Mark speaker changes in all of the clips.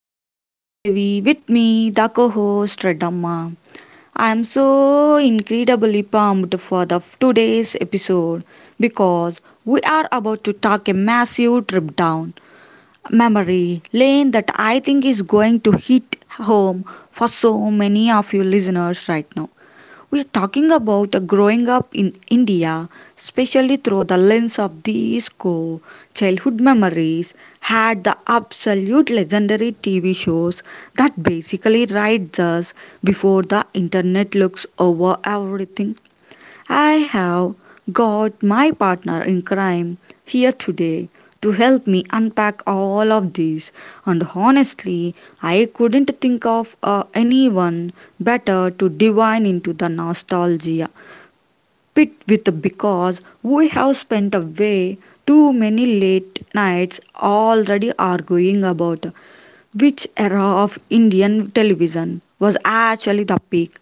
Speaker 1: is Sri Devi with me, the co-host Redamma. I am so incredibly pumped for the today's episode because we are about to take a massive trip down memory lane that I think is going to hit home for so many of you listeners right now. We are talking about a growing up in India, especially through the lens of these core childhood memories, had the absolute legendary TV shows that basically rides us before the internet looks over everything. I have got my partner in crime here today to help me unpack all of this, and honestly, I couldn't think of anyone better to divine into the nostalgia pit with because we have spent away too many late nights already arguing about which era of Indian television was actually the peak.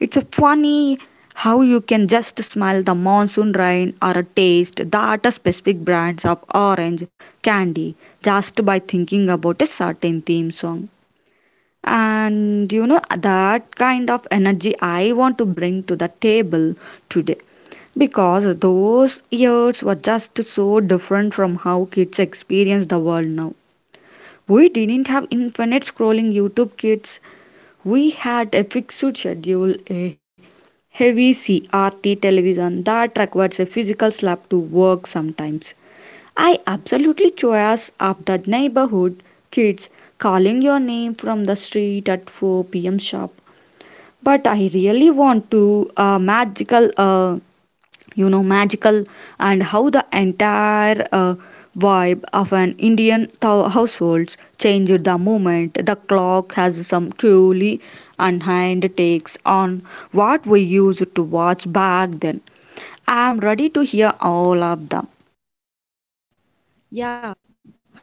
Speaker 1: It's a funny how you can just smell the monsoon rain or taste that specific brands of orange candy just by thinking about a certain theme song. And you know that kind of energy I want to bring to the table today because those years were just so different from how kids experience the world now. We didn't have infinite scrolling YouTube kids, we had a fixed schedule, a heavy CRT television that requires a physical slap to work sometimes. I absolutely chose up the neighborhood kids calling your name from the street at 4 p.m. sharp. But I really want to a magical magical and how the entire vibe of an indian households changed the moment the clock has some truly unhand takes on what we used to watch back then. I am ready to hear all of them.
Speaker 2: Yeah.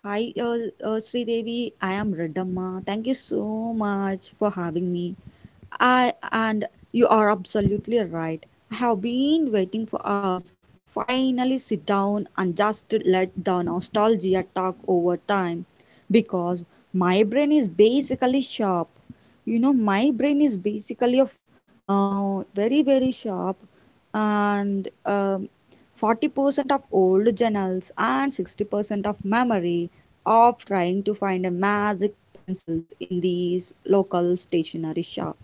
Speaker 2: Hi, Sridevi. I am Radamma. Thank you so much for having me. I and you are absolutely right. I have been waiting for us. Finally, sit down and just let the nostalgia talk over time because my brain is basically sharp. You know, my brain is basically of very, very sharp and 40% of old journals and 60% of memory of trying to find a magic pencils in these local stationery shop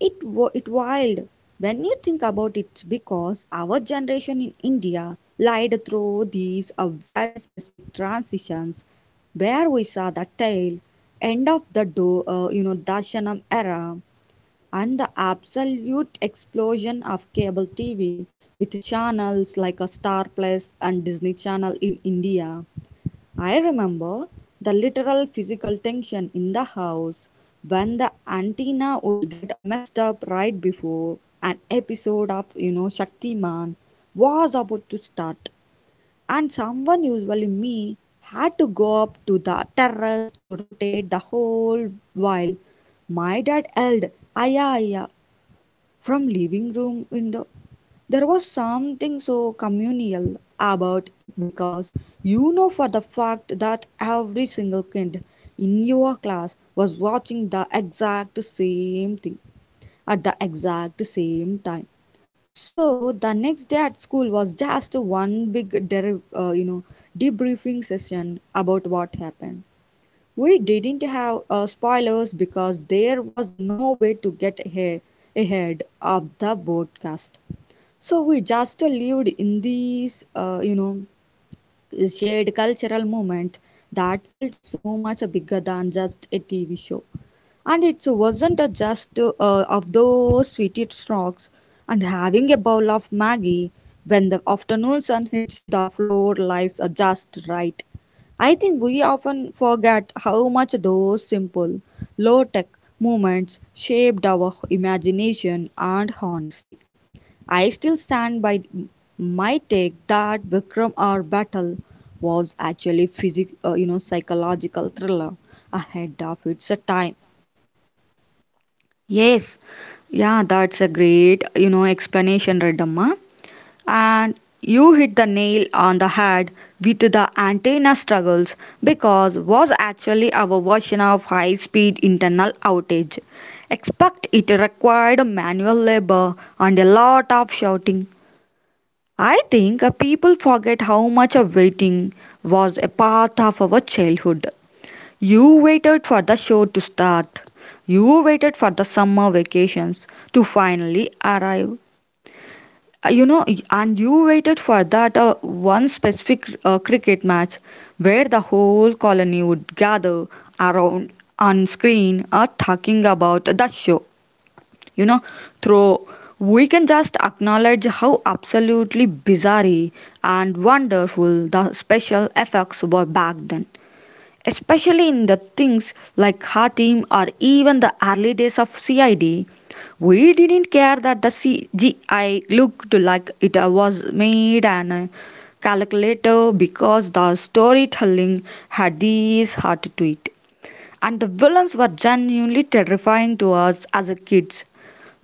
Speaker 2: it wild when you think about it because our generation in India lived through these very specific transitions where we saw the tail end of the do, you know Darshanam era and the absolute explosion of cable TV with channels like a Star Plus and Disney Channel in India. I remember the literal physical tension in the house when the antenna would get messed up right before an episode of, you know, Shaktiman was about to start, and someone, usually me, had to go up to the terrace to rotate the whole while my dad yelled "Aya, aya" from living room window. There was something so communal about it because you know for the fact that every single kid in your class was watching the exact same thing at the exact same time. So the next day at school was just one big, debriefing session about what happened. We didn't have spoilers because there was no way to ahead of the broadcast. So we just lived in these, shared cultural moment that felt so much bigger than just a TV show. And it wasn't a just of those sweetest rocks and having a bowl of Maggie when the afternoon sun hits the floor lies are just right. I think we often forget how much those simple, low tech moments shaped our imagination and honesty. I still stand by my take that Vikram our Battle was actually psychological thriller ahead of its time.
Speaker 1: Yes, yeah, that's a great, you know, explanation, Redamma. And you hit the nail on the head with the antenna struggles because was actually our version of high-speed internal outage. Expect it required manual labor and a lot of shouting. I think people forget how much of waiting was a part of our childhood. You waited for the show to start. You waited for the summer vacations to finally arrive. You know, and you waited for that one specific cricket match where the whole colony would gather around on screen talking about the show. You know, through we can just acknowledge how absolutely bizarre and wonderful the special effects were back then, especially in the things like Hatim or even the early days of CID. We didn't care that the CGI looked like it was made on a calculator because the storytelling had this heart to it. And the villains were genuinely terrifying to us as a kids.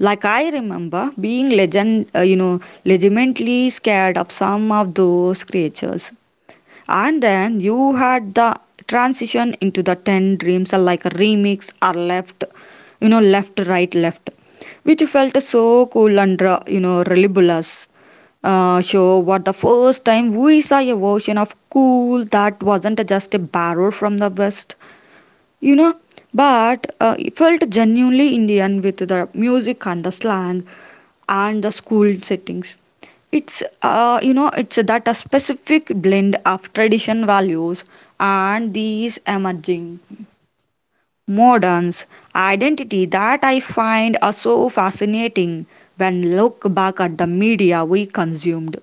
Speaker 1: Like I remember being legitimately scared of some of those creatures. And then you had the transition into the 10 dreams are like a remix or left, you know, left, right, left, which felt so cool and, you know, reliableous. Show what the first time we saw a version of cool that wasn't just a borrow from the West, you know, but it felt genuinely Indian with the music and the slang and the school settings. It's it's that a specific blend of tradition values and these emerging moderns identity that I find are so fascinating when look back at the media we consumed.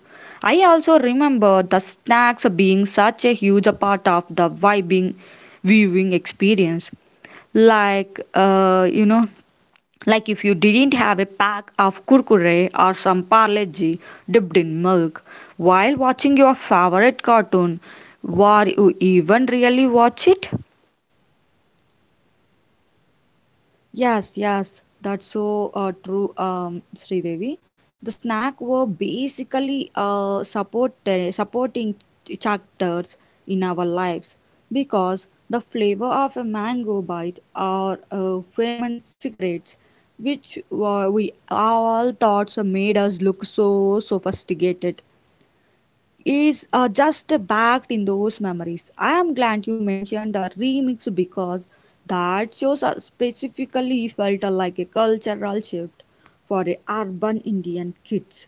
Speaker 1: I also remember the snacks being such a huge part of the vibing viewing experience, like like if you didn't have a pack of kurkure or some parleji dipped in milk while watching your favorite cartoon, were you even really watch it?
Speaker 2: Yes, yes, that's so true, Sridevi. The snack were basically supporting chapters in our lives because the flavor of a mango bite or famine cigarettes, which we all thoughts made us look so sophisticated is just backed in those memories. I am glad you mentioned a remix because that shows specifically felt like a cultural shift for the urban Indian kids.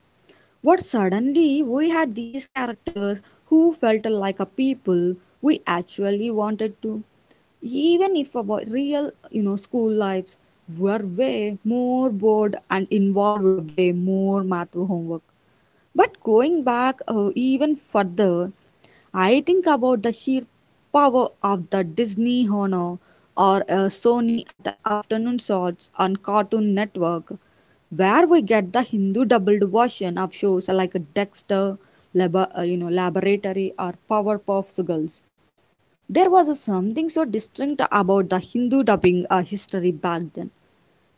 Speaker 2: What suddenly we had these characters who felt like a people we actually wanted to, even if our real, you know, school lives were way more bored and involved a way more math homework. But going back even further, I think about the sheer power of the Disney Honor or Sony at the afternoon slots on Cartoon Network, where we get the Hindu dubbed version of shows like Dexter, Laboratory, or Powerpuff Girls. There was a something so distinct about the Hindu dubbing history back then.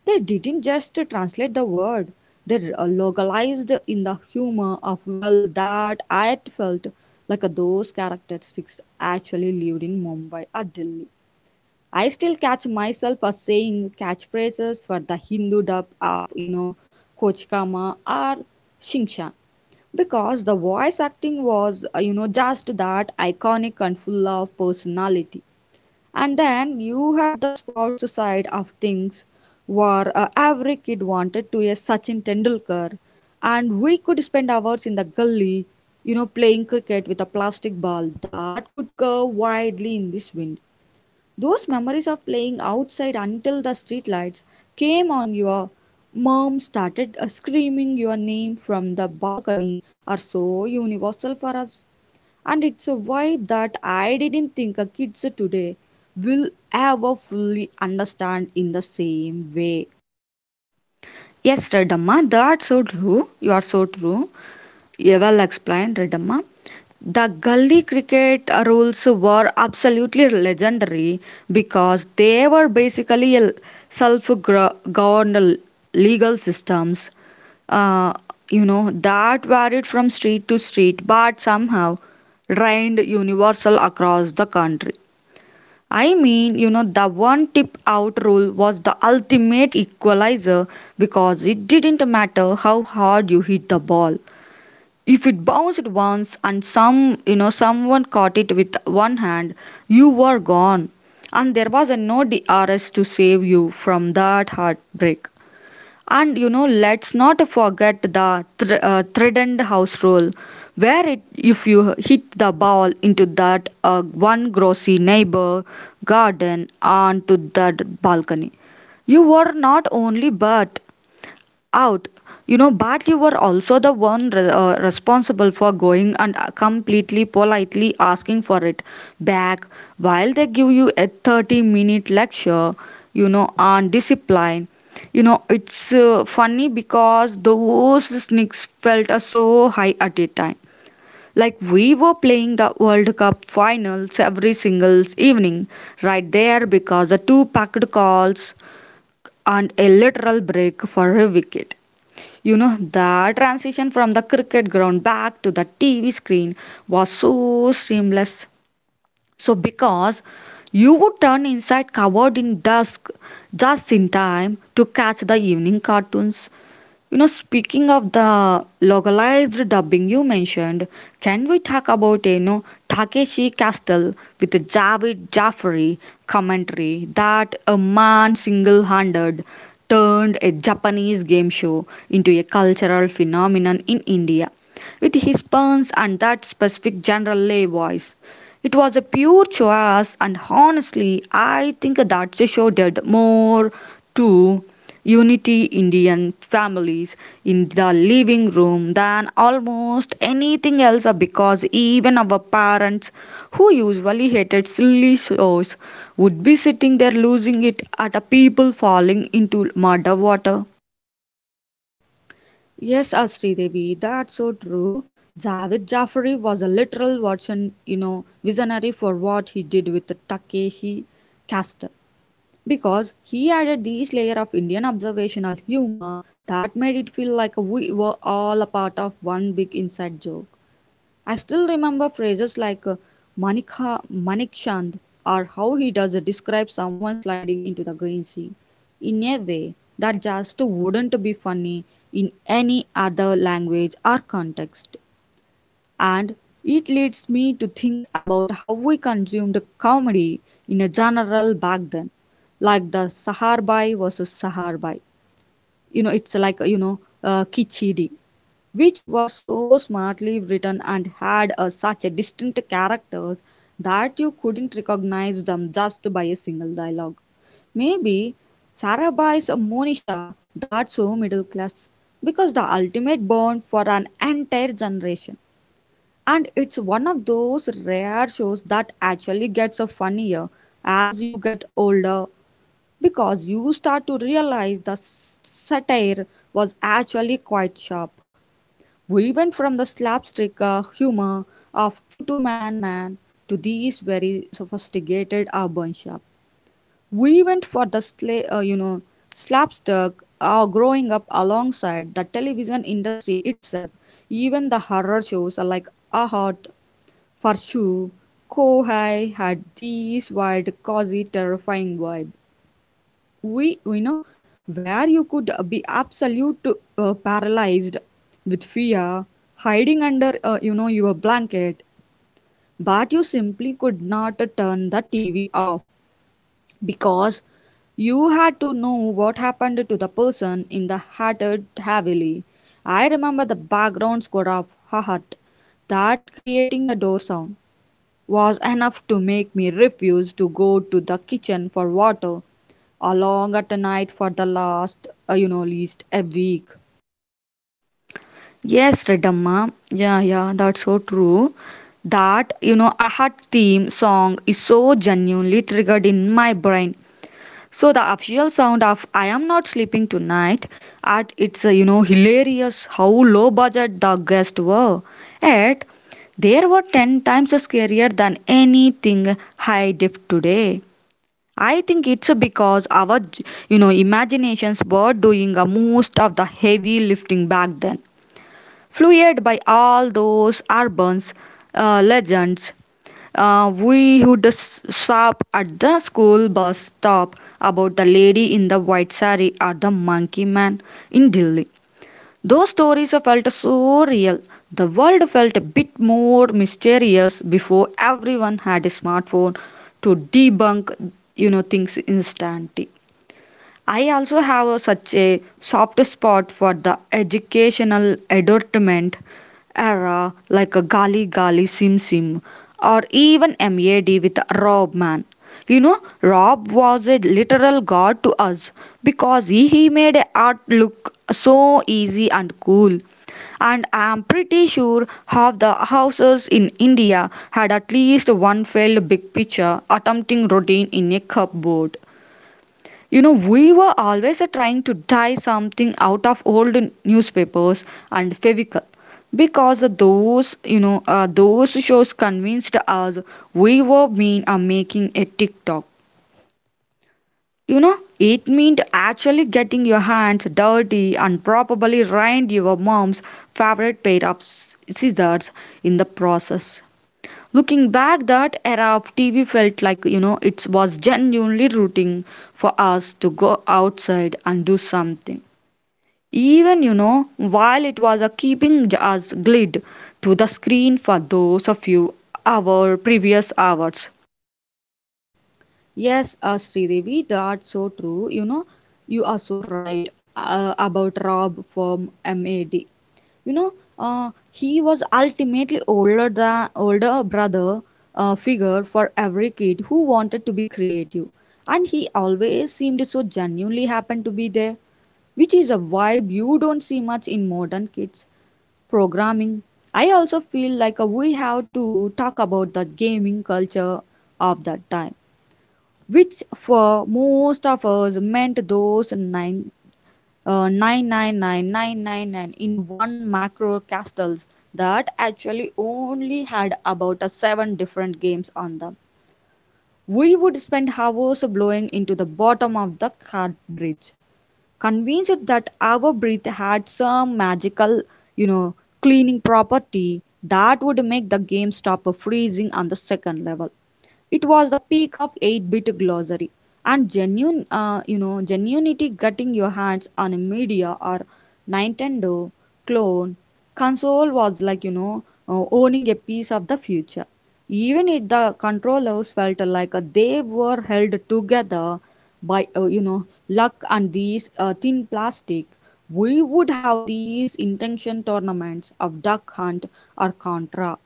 Speaker 2: They didn't just translate the word, they localized in the humor of well that I felt like those characteristics actually lived in Mumbai or Delhi. I still catch myself as saying catchphrases for the Hindu dub of, you know, Kochkama or Shingshan because the voice acting was, just that iconic and full of personality. And then you had the sports side of things, where every kid wanted to be a Sachin Tendulkar, and we could spend hours in the gully, you know, playing cricket with a plastic ball that could curve widely in this wind. Those memories of playing outside until the streetlights came on, your mom started screaming your name from the balcony are so universal for us and it's a vibe that I didn't think a kids today will ever fully understand in the same way.
Speaker 1: Yes, Redamma, that's so true. You are so true. You well explained, Redamma. The gully cricket rules were absolutely legendary because they were basically a self-governed legal systems. Uh, you know that varied from street to street, but somehow reigned universal across the country. I mean, you know, the one tip out rule was the ultimate equalizer because it didn't matter how hard you hit the ball. If it bounced once and some, you know, someone caught it with one hand, you were gone. And there was a no DRS to save you from that heartbreak. And you know, let's not forget the threatened house rule, where it, if you hit the ball into that one grossy neighbor garden onto that balcony, you were not only but out. You know, but you were also the one responsible for going and completely politely asking for it back while they give you a 30-minute lecture, you know, on discipline. You know, it's funny because those snicks felt so high at a time. Like we were playing the World Cup finals every single evening, right there because the two packed calls and a literal break for a wicket. You know, the transition from the cricket ground back to the TV screen was so seamless. So, because you would turn inside covered in dusk just in time to catch the evening cartoons. You know, speaking of the localized dubbing you mentioned, can we talk about you know Takeshi Castle with Javed Jaffari commentary that a man single-handed turned a Japanese game show into a cultural phenomenon in India with his puns and that specific general lay voice. It was a pure choice, and honestly, I think that the show did more to unity Indian families in the living room than almost anything else because even our parents, who usually hated silly shows, would be sitting there losing it at a people falling into murder water.
Speaker 2: Yes, Sridevi, that's so true. Javed Jafri was a literal version, you know, visionary for what he did with the Takeshi Castle because he added this layer of Indian observational humor that made it feel like we were all a part of one big inside joke. I still remember phrases like Manikha, Manikshand or how he does describe someone sliding into the green sea in a way that just wouldn't be funny in any other language or context. And it leads me to think about how we consumed comedy in a general back then, like the Saharbai versus Saharbai. You know, it's like, you know, Kichidi which was so smartly written and had a, such a distinct characters that you couldn't recognize them just by a single dialogue. Maybe Sarah buys a Monisha that's so middle class because the ultimate burn for an entire generation. And it's one of those rare shows that actually gets funnier as you get older because you start to realize the satire was actually quite sharp. We went from the slapstick humor of Tutu Man Man to these very sophisticated urban shop. We went for the slapstick growing up alongside the television industry itself. Even the horror shows are like Ahad, Farshu, Kohai had these wild, cosy terrifying vibe we you know where you could be absolute paralyzed with fear hiding under your blanket but you simply could not turn the TV off because you had to know what happened to the person in the hatted heavily. I remember the background score of her hut that creating a door sound was enough to make me refuse to go to the kitchen for water along at night for the last, least a week.
Speaker 1: Yes, Redamma. Yeah, yeah, that's so true. That, you know, Ahat theme song is so genuinely triggered in my brain. So the official sound of I am not sleeping tonight at it's you know hilarious how low budget the guests were. At they were ten times scarier than anything high def today. I think it's because our you know imaginations were doing most of the heavy lifting back then, fueled by all those urban legends. We would swap at the school bus stop about the lady in the white sari or the monkey man in Delhi. Those stories felt so real. The world felt a bit more mysterious before everyone had a smartphone to debunk, you know, things instantly. I also have a, such a soft spot for the educational advertisement era, like a Gali Gali Sim Sim, or even MAD with Rob Man. You know, Rob was a literal god to us because he made art look so easy and cool. And I am pretty sure half the houses in India had at least one failed big picture attempting routine in a cupboard. You know, we were always trying to tie something out of old newspapers and Fevical because those shows convinced us we were mean making a TikTok. You know, it meant actually getting your hands dirty and probably ruined your mom's favorite pair of scissors in the process. Looking back, that era of TV felt like, you know, it was genuinely rooting for us to go outside and do something. Even, you know, while it was a keeping us glued to the screen for those of you our previous hours.
Speaker 2: Yes, Sridevi, that's so true. You know, you are so right about Rob from MAD. You know, he was ultimately older than older brother figure for every kid who wanted to be creative, and he always seemed so genuinely happened to be there. Which is a vibe you don't see much in modern kids programming. I also feel like we have to talk about the gaming culture of that time, which for most of us meant those nine. 999999 in one macro castles that actually only had about seven different games on them. We would spend hours blowing into the bottom of the card bridge convinced that our breath had some magical, you know, cleaning property that would make the game stop freezing on the second level. It was the peak of 8-bit glossary and genuinity getting your hands on a media or Nintendo clone console was like, owning a piece of the future. Even if the controllers felt like they were held together by luck and these thin plastic we would have these intention tournaments of duck hunt or contra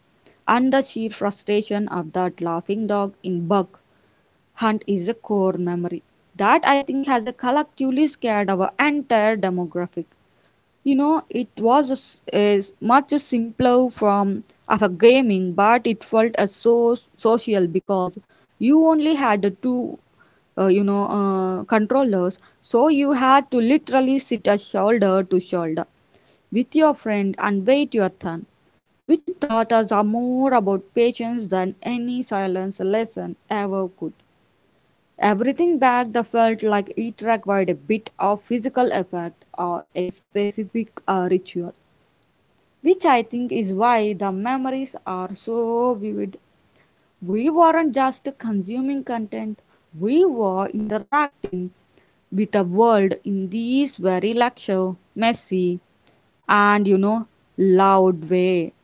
Speaker 2: and the sheer frustration of that laughing dog in buck hunt is a core memory that I think has a collectively scared our entire demographic. You know, it is much simpler from of a gaming, but it felt as so social because you only had the two, controllers. So you had to literally sit a shoulder to shoulder with your friend and wait your turn, which taught us a more about patience than any silence lesson ever could. Everything back the felt like it required a bit of physical effort or a specific ritual which I think is why the memories are so vivid. We weren't just consuming content, we were interacting with the world in this very lecture, messy and you know, loud way.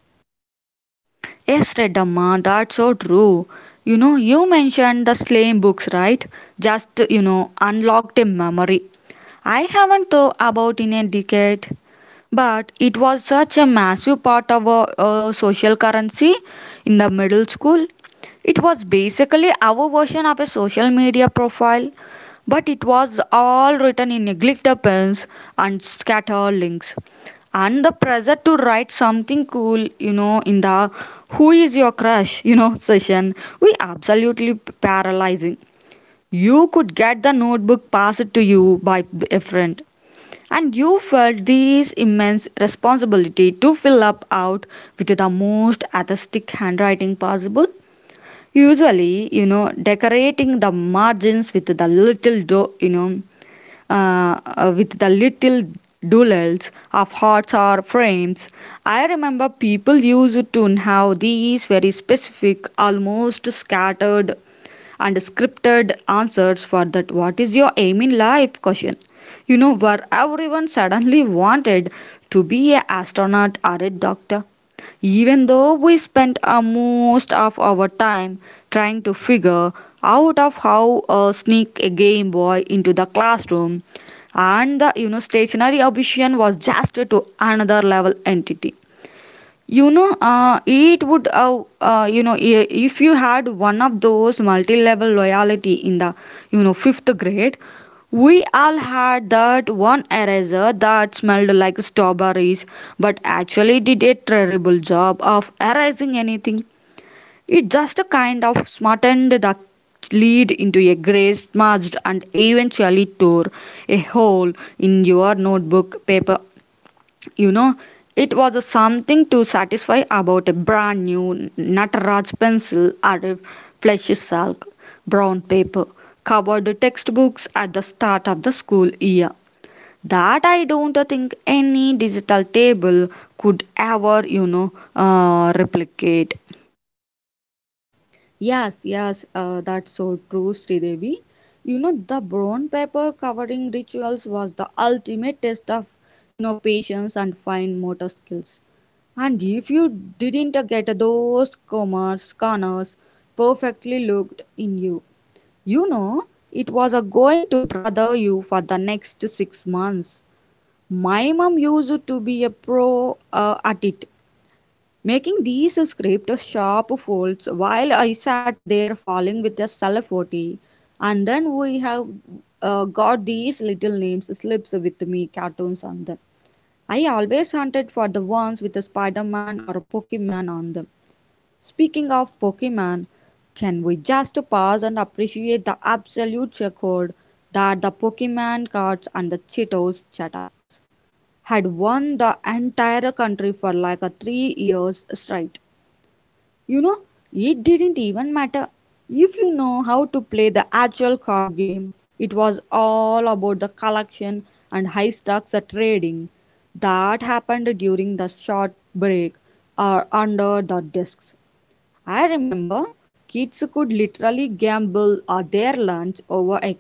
Speaker 1: Yes, Redamma, that's so true. You know, you mentioned the slam books, right? Just, you know, unlocked a memory. I haven't thought about in a decade, but it was such a massive part of our social currency in the middle school. It was basically our version of a social media profile, but it was all written in glitter pens and scatter links and the pressure to write something cool, you know, in the who is your crush, you know, session, we absolutely paralyzing. You could get the notebook passed to you by a friend, and you felt this immense responsibility to fill up out with the most artistic handwriting possible. Usually, you know, decorating the margins with the little, with the little doodles of hearts or frames. I remember people used to have these very specific, almost scattered and scripted answers for that what is your aim in life question. You know, where everyone suddenly wanted to be an astronaut or a doctor even though we spend most of our time trying to figure out of how sneak a Game Boy into the classroom. And the you know stationary ambition was just to another level entity. You know, if you had one of those multi-level loyalty in the, you know, fifth grade, we all had that one eraser that smelled like strawberries, but actually did a terrible job of erasing anything. It just a kind of smartened the lead into a grey smudged and eventually tore a hole in your notebook paper, you know, it was a something to satisfy about a brand new Nataraj pencil or a fleshy silk brown paper covered textbooks at the start of the school year. That I don't think any digital table could ever, replicate.
Speaker 2: Yes, yes, that's so true, Sridevi. You know, the brown paper covering rituals was the ultimate test of, you know, patience and fine motor skills. And if you didn't get those commas, corners perfectly looked in you, you know, it was a going to bother you for the next 6 months. My mom used to be a pro at it making these script sharp folds while I sat there falling with a salafoti. And then we have got these little names slips with me cartoons on them. I always hunted for the ones with a Spider-Man or a Pokemon on them. Speaking of Pokemon, can we just pause and appreciate the absolute record that the Pokemon cards and the Cheetos Chataks had won the entire country for like a 3 years straight? You know, it didn't even matter if you know how to play the actual card game. It was all about the collection and high stakes trading that happened during the short break or under the desks. I remember kids could literally gamble their lunch over a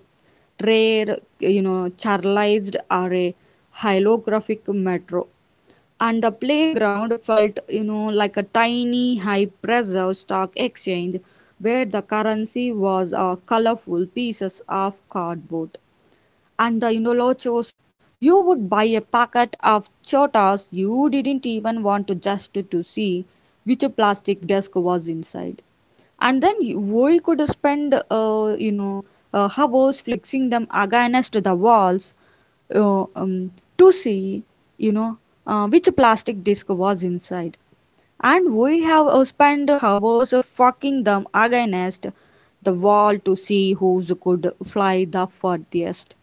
Speaker 2: rare, you know, charlized or a holographic metro. And the playground felt, you know, like a tiny, high pressure stock exchange where the currency was colorful pieces of cardboard. And the Inolochos, you would buy a packet of chotas you didn't even want to just to see which plastic disc was inside. And then we could spend, hours fixing them against the walls uh, um, to see, you know, which plastic disc was inside. And we have spent hours of fucking them against the wall to see whose could fly the furthest.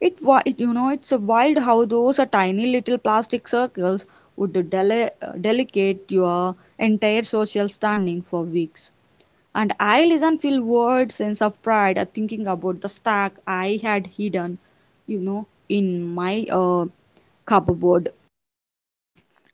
Speaker 2: It it's a wild how those are tiny little plastic circles would delicate your entire social standing for weeks. And I listen feel weird sense of pride at thinking about the stack I had hidden, in my cupboard.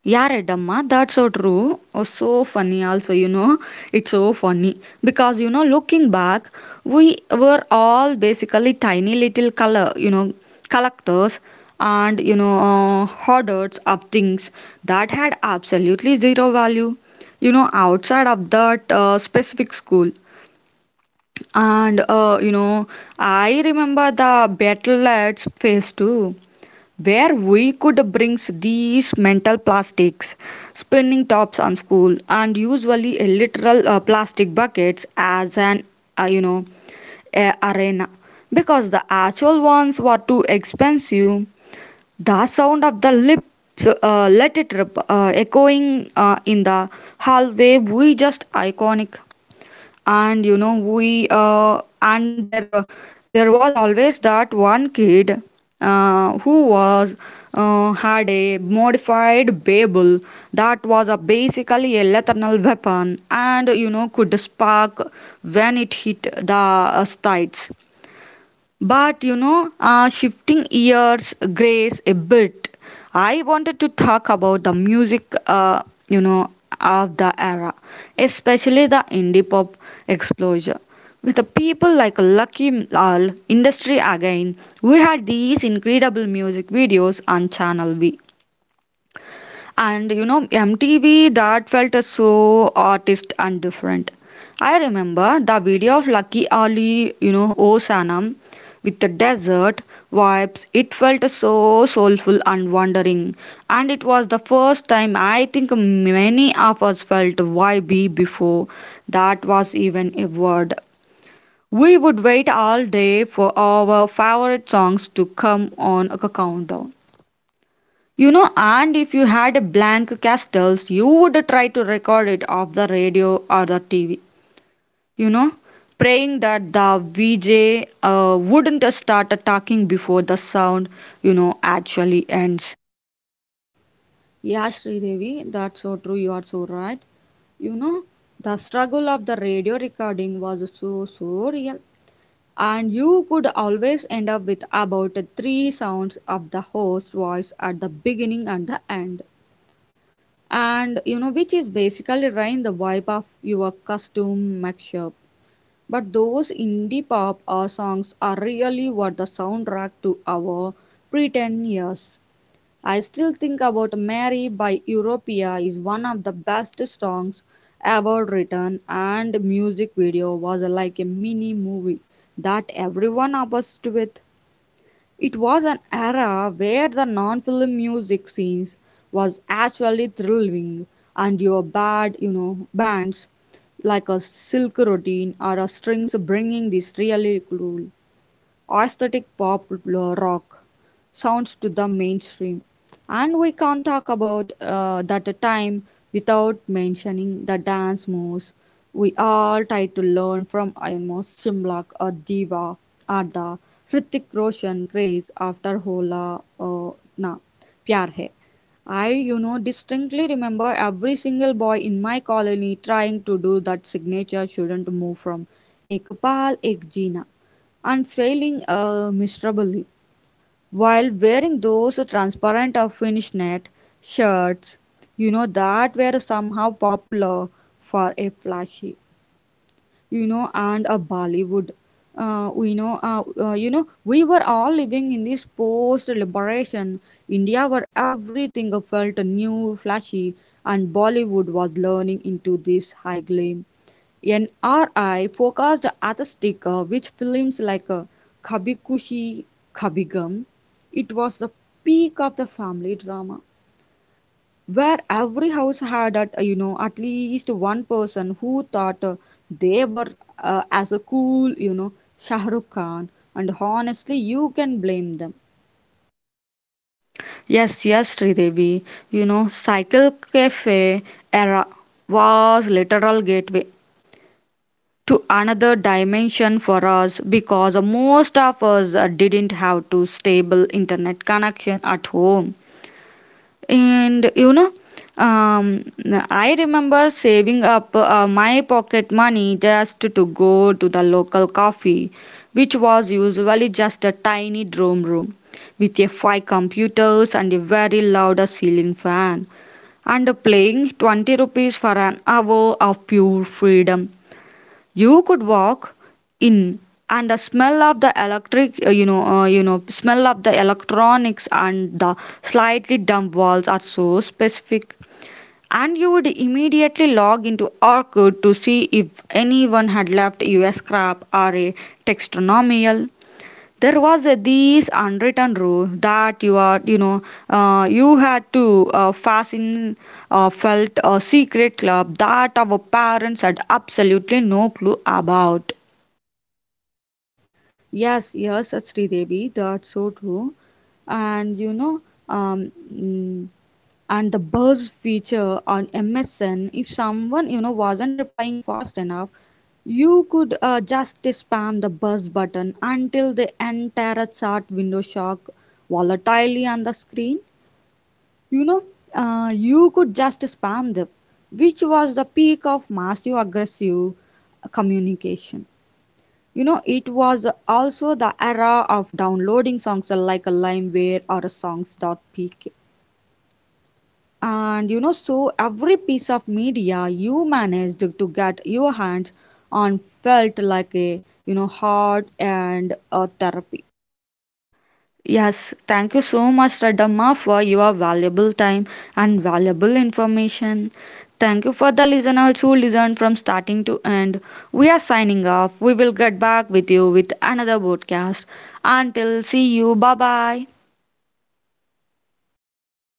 Speaker 1: Yeah, Redamma, that's so true. Oh, so funny, also, it's so funny because looking back, we were all basically tiny little color, collectors and hoarders of things that had absolutely zero value, outside of that specific school. And I remember the battle at face too where we could bring these mental plastics, spinning tops on school, and usually a literal plastic buckets as an uh, you know a arena because the actual ones were too expensive. The sound of the lips let it rip, echoing in the hallway, we just iconic and you know we and there there was always that one kid who was had a modified Babel that was a basically a lethal weapon and could spark when it hit the sights. But shifting years, grace a bit. I wanted to talk about the music, you know, of the era, especially the indie pop explosion. With the people like Lucky Lal, Industry Again, we had these incredible music videos on Channel V. And MTV that felt so artist and different. I remember the video of Lucky Ali, O Sanam with the desert vibes. It felt so soulful and wandering. And it was the first time I think many of us felt YB before that was even a word. We would wait all day for our favorite songs to come on a countdown. You know, and if you had a blank castles, you would try to record it off the radio or the TV. You know, Praying that the VJ wouldn't start talking before the sound, actually ends.
Speaker 2: Yeah, Sri Devi, that's so true. You are so right. You know, the struggle of the radio recording was so real. And you could always end up with about three sounds of the host voice at the beginning and the end and you know which is basically rain the vibe of your custom mashup. But those indie pop songs are really what the soundtrack to our pretend years. I Still Think About Mary by Europea is one of the best songs ever written, and music video was like a mini movie that everyone obsessed with. It was an era where the non-film music scenes was actually thrilling, and your bad, you know, bands like a silk routine or a strings bringing this really cool aesthetic pop rock sounds to the mainstream. And we can't talk about that time without mentioning the dance moves we all tried to learn from almost Shimlak or Diva or the Hrithik Roshan craze after Hola Na Pyar Hai. I, you know, distinctly remember every single boy in my colony trying to do that signature shouldn't move from Ek Paal Ek Jeena and failing miserably. While wearing those transparent or finished net shirts, you know, that were somehow popular for a flashy, you know, and a Bollywood. We were all living in this post-liberation India where everything felt new, flashy, and Bollywood was learning into this high gleam an RI focused aesthetic which films like Kabikushi Kabigam. It was the peak of the family drama where every house had at at least one person who thought they were as a cool Shah Rukh Khan, and honestly you can blame them.
Speaker 1: Yes, yes, Sridevi. You know, Cycle Cafe era was literal gateway to another dimension for us because most of us didn't have to stable internet connection at home. And um, I remember saving up my pocket money just to go to the local coffee, which was usually just a tiny dorm room with a five computers and a very loud ceiling fan and playing 20 rupees for an hour of pure freedom. You could walk in and the smell of the electric smell of the electronics and the slightly damp walls are so specific, and you would immediately log into Orkut to see if anyone had left you a scrap or a textonomial. There was a this unwritten rule that you are you had to fasten felt a secret club that our parents had absolutely no clue about.
Speaker 2: Yes, yes, Sridevi, that's so true. And you know, um, mm, and the buzz feature on MSN, if someone you know wasn't replying fast enough, you could just spam the buzz button until the entire chat window shock volatilely on the screen. You know, you could just spam them, which was the peak of massive aggressive communication. You know, it was also the era of downloading songs like a LimeWire or a pk. And you know, so every piece of media you managed to get your hands on felt like a, you know, hard and a therapy.
Speaker 1: Yes, thank you so much, Radamma, for your valuable time and valuable information. Thank you for the listeners who listened from starting to end. We are signing off. We will get back with you with another podcast. Until, see you. Bye bye.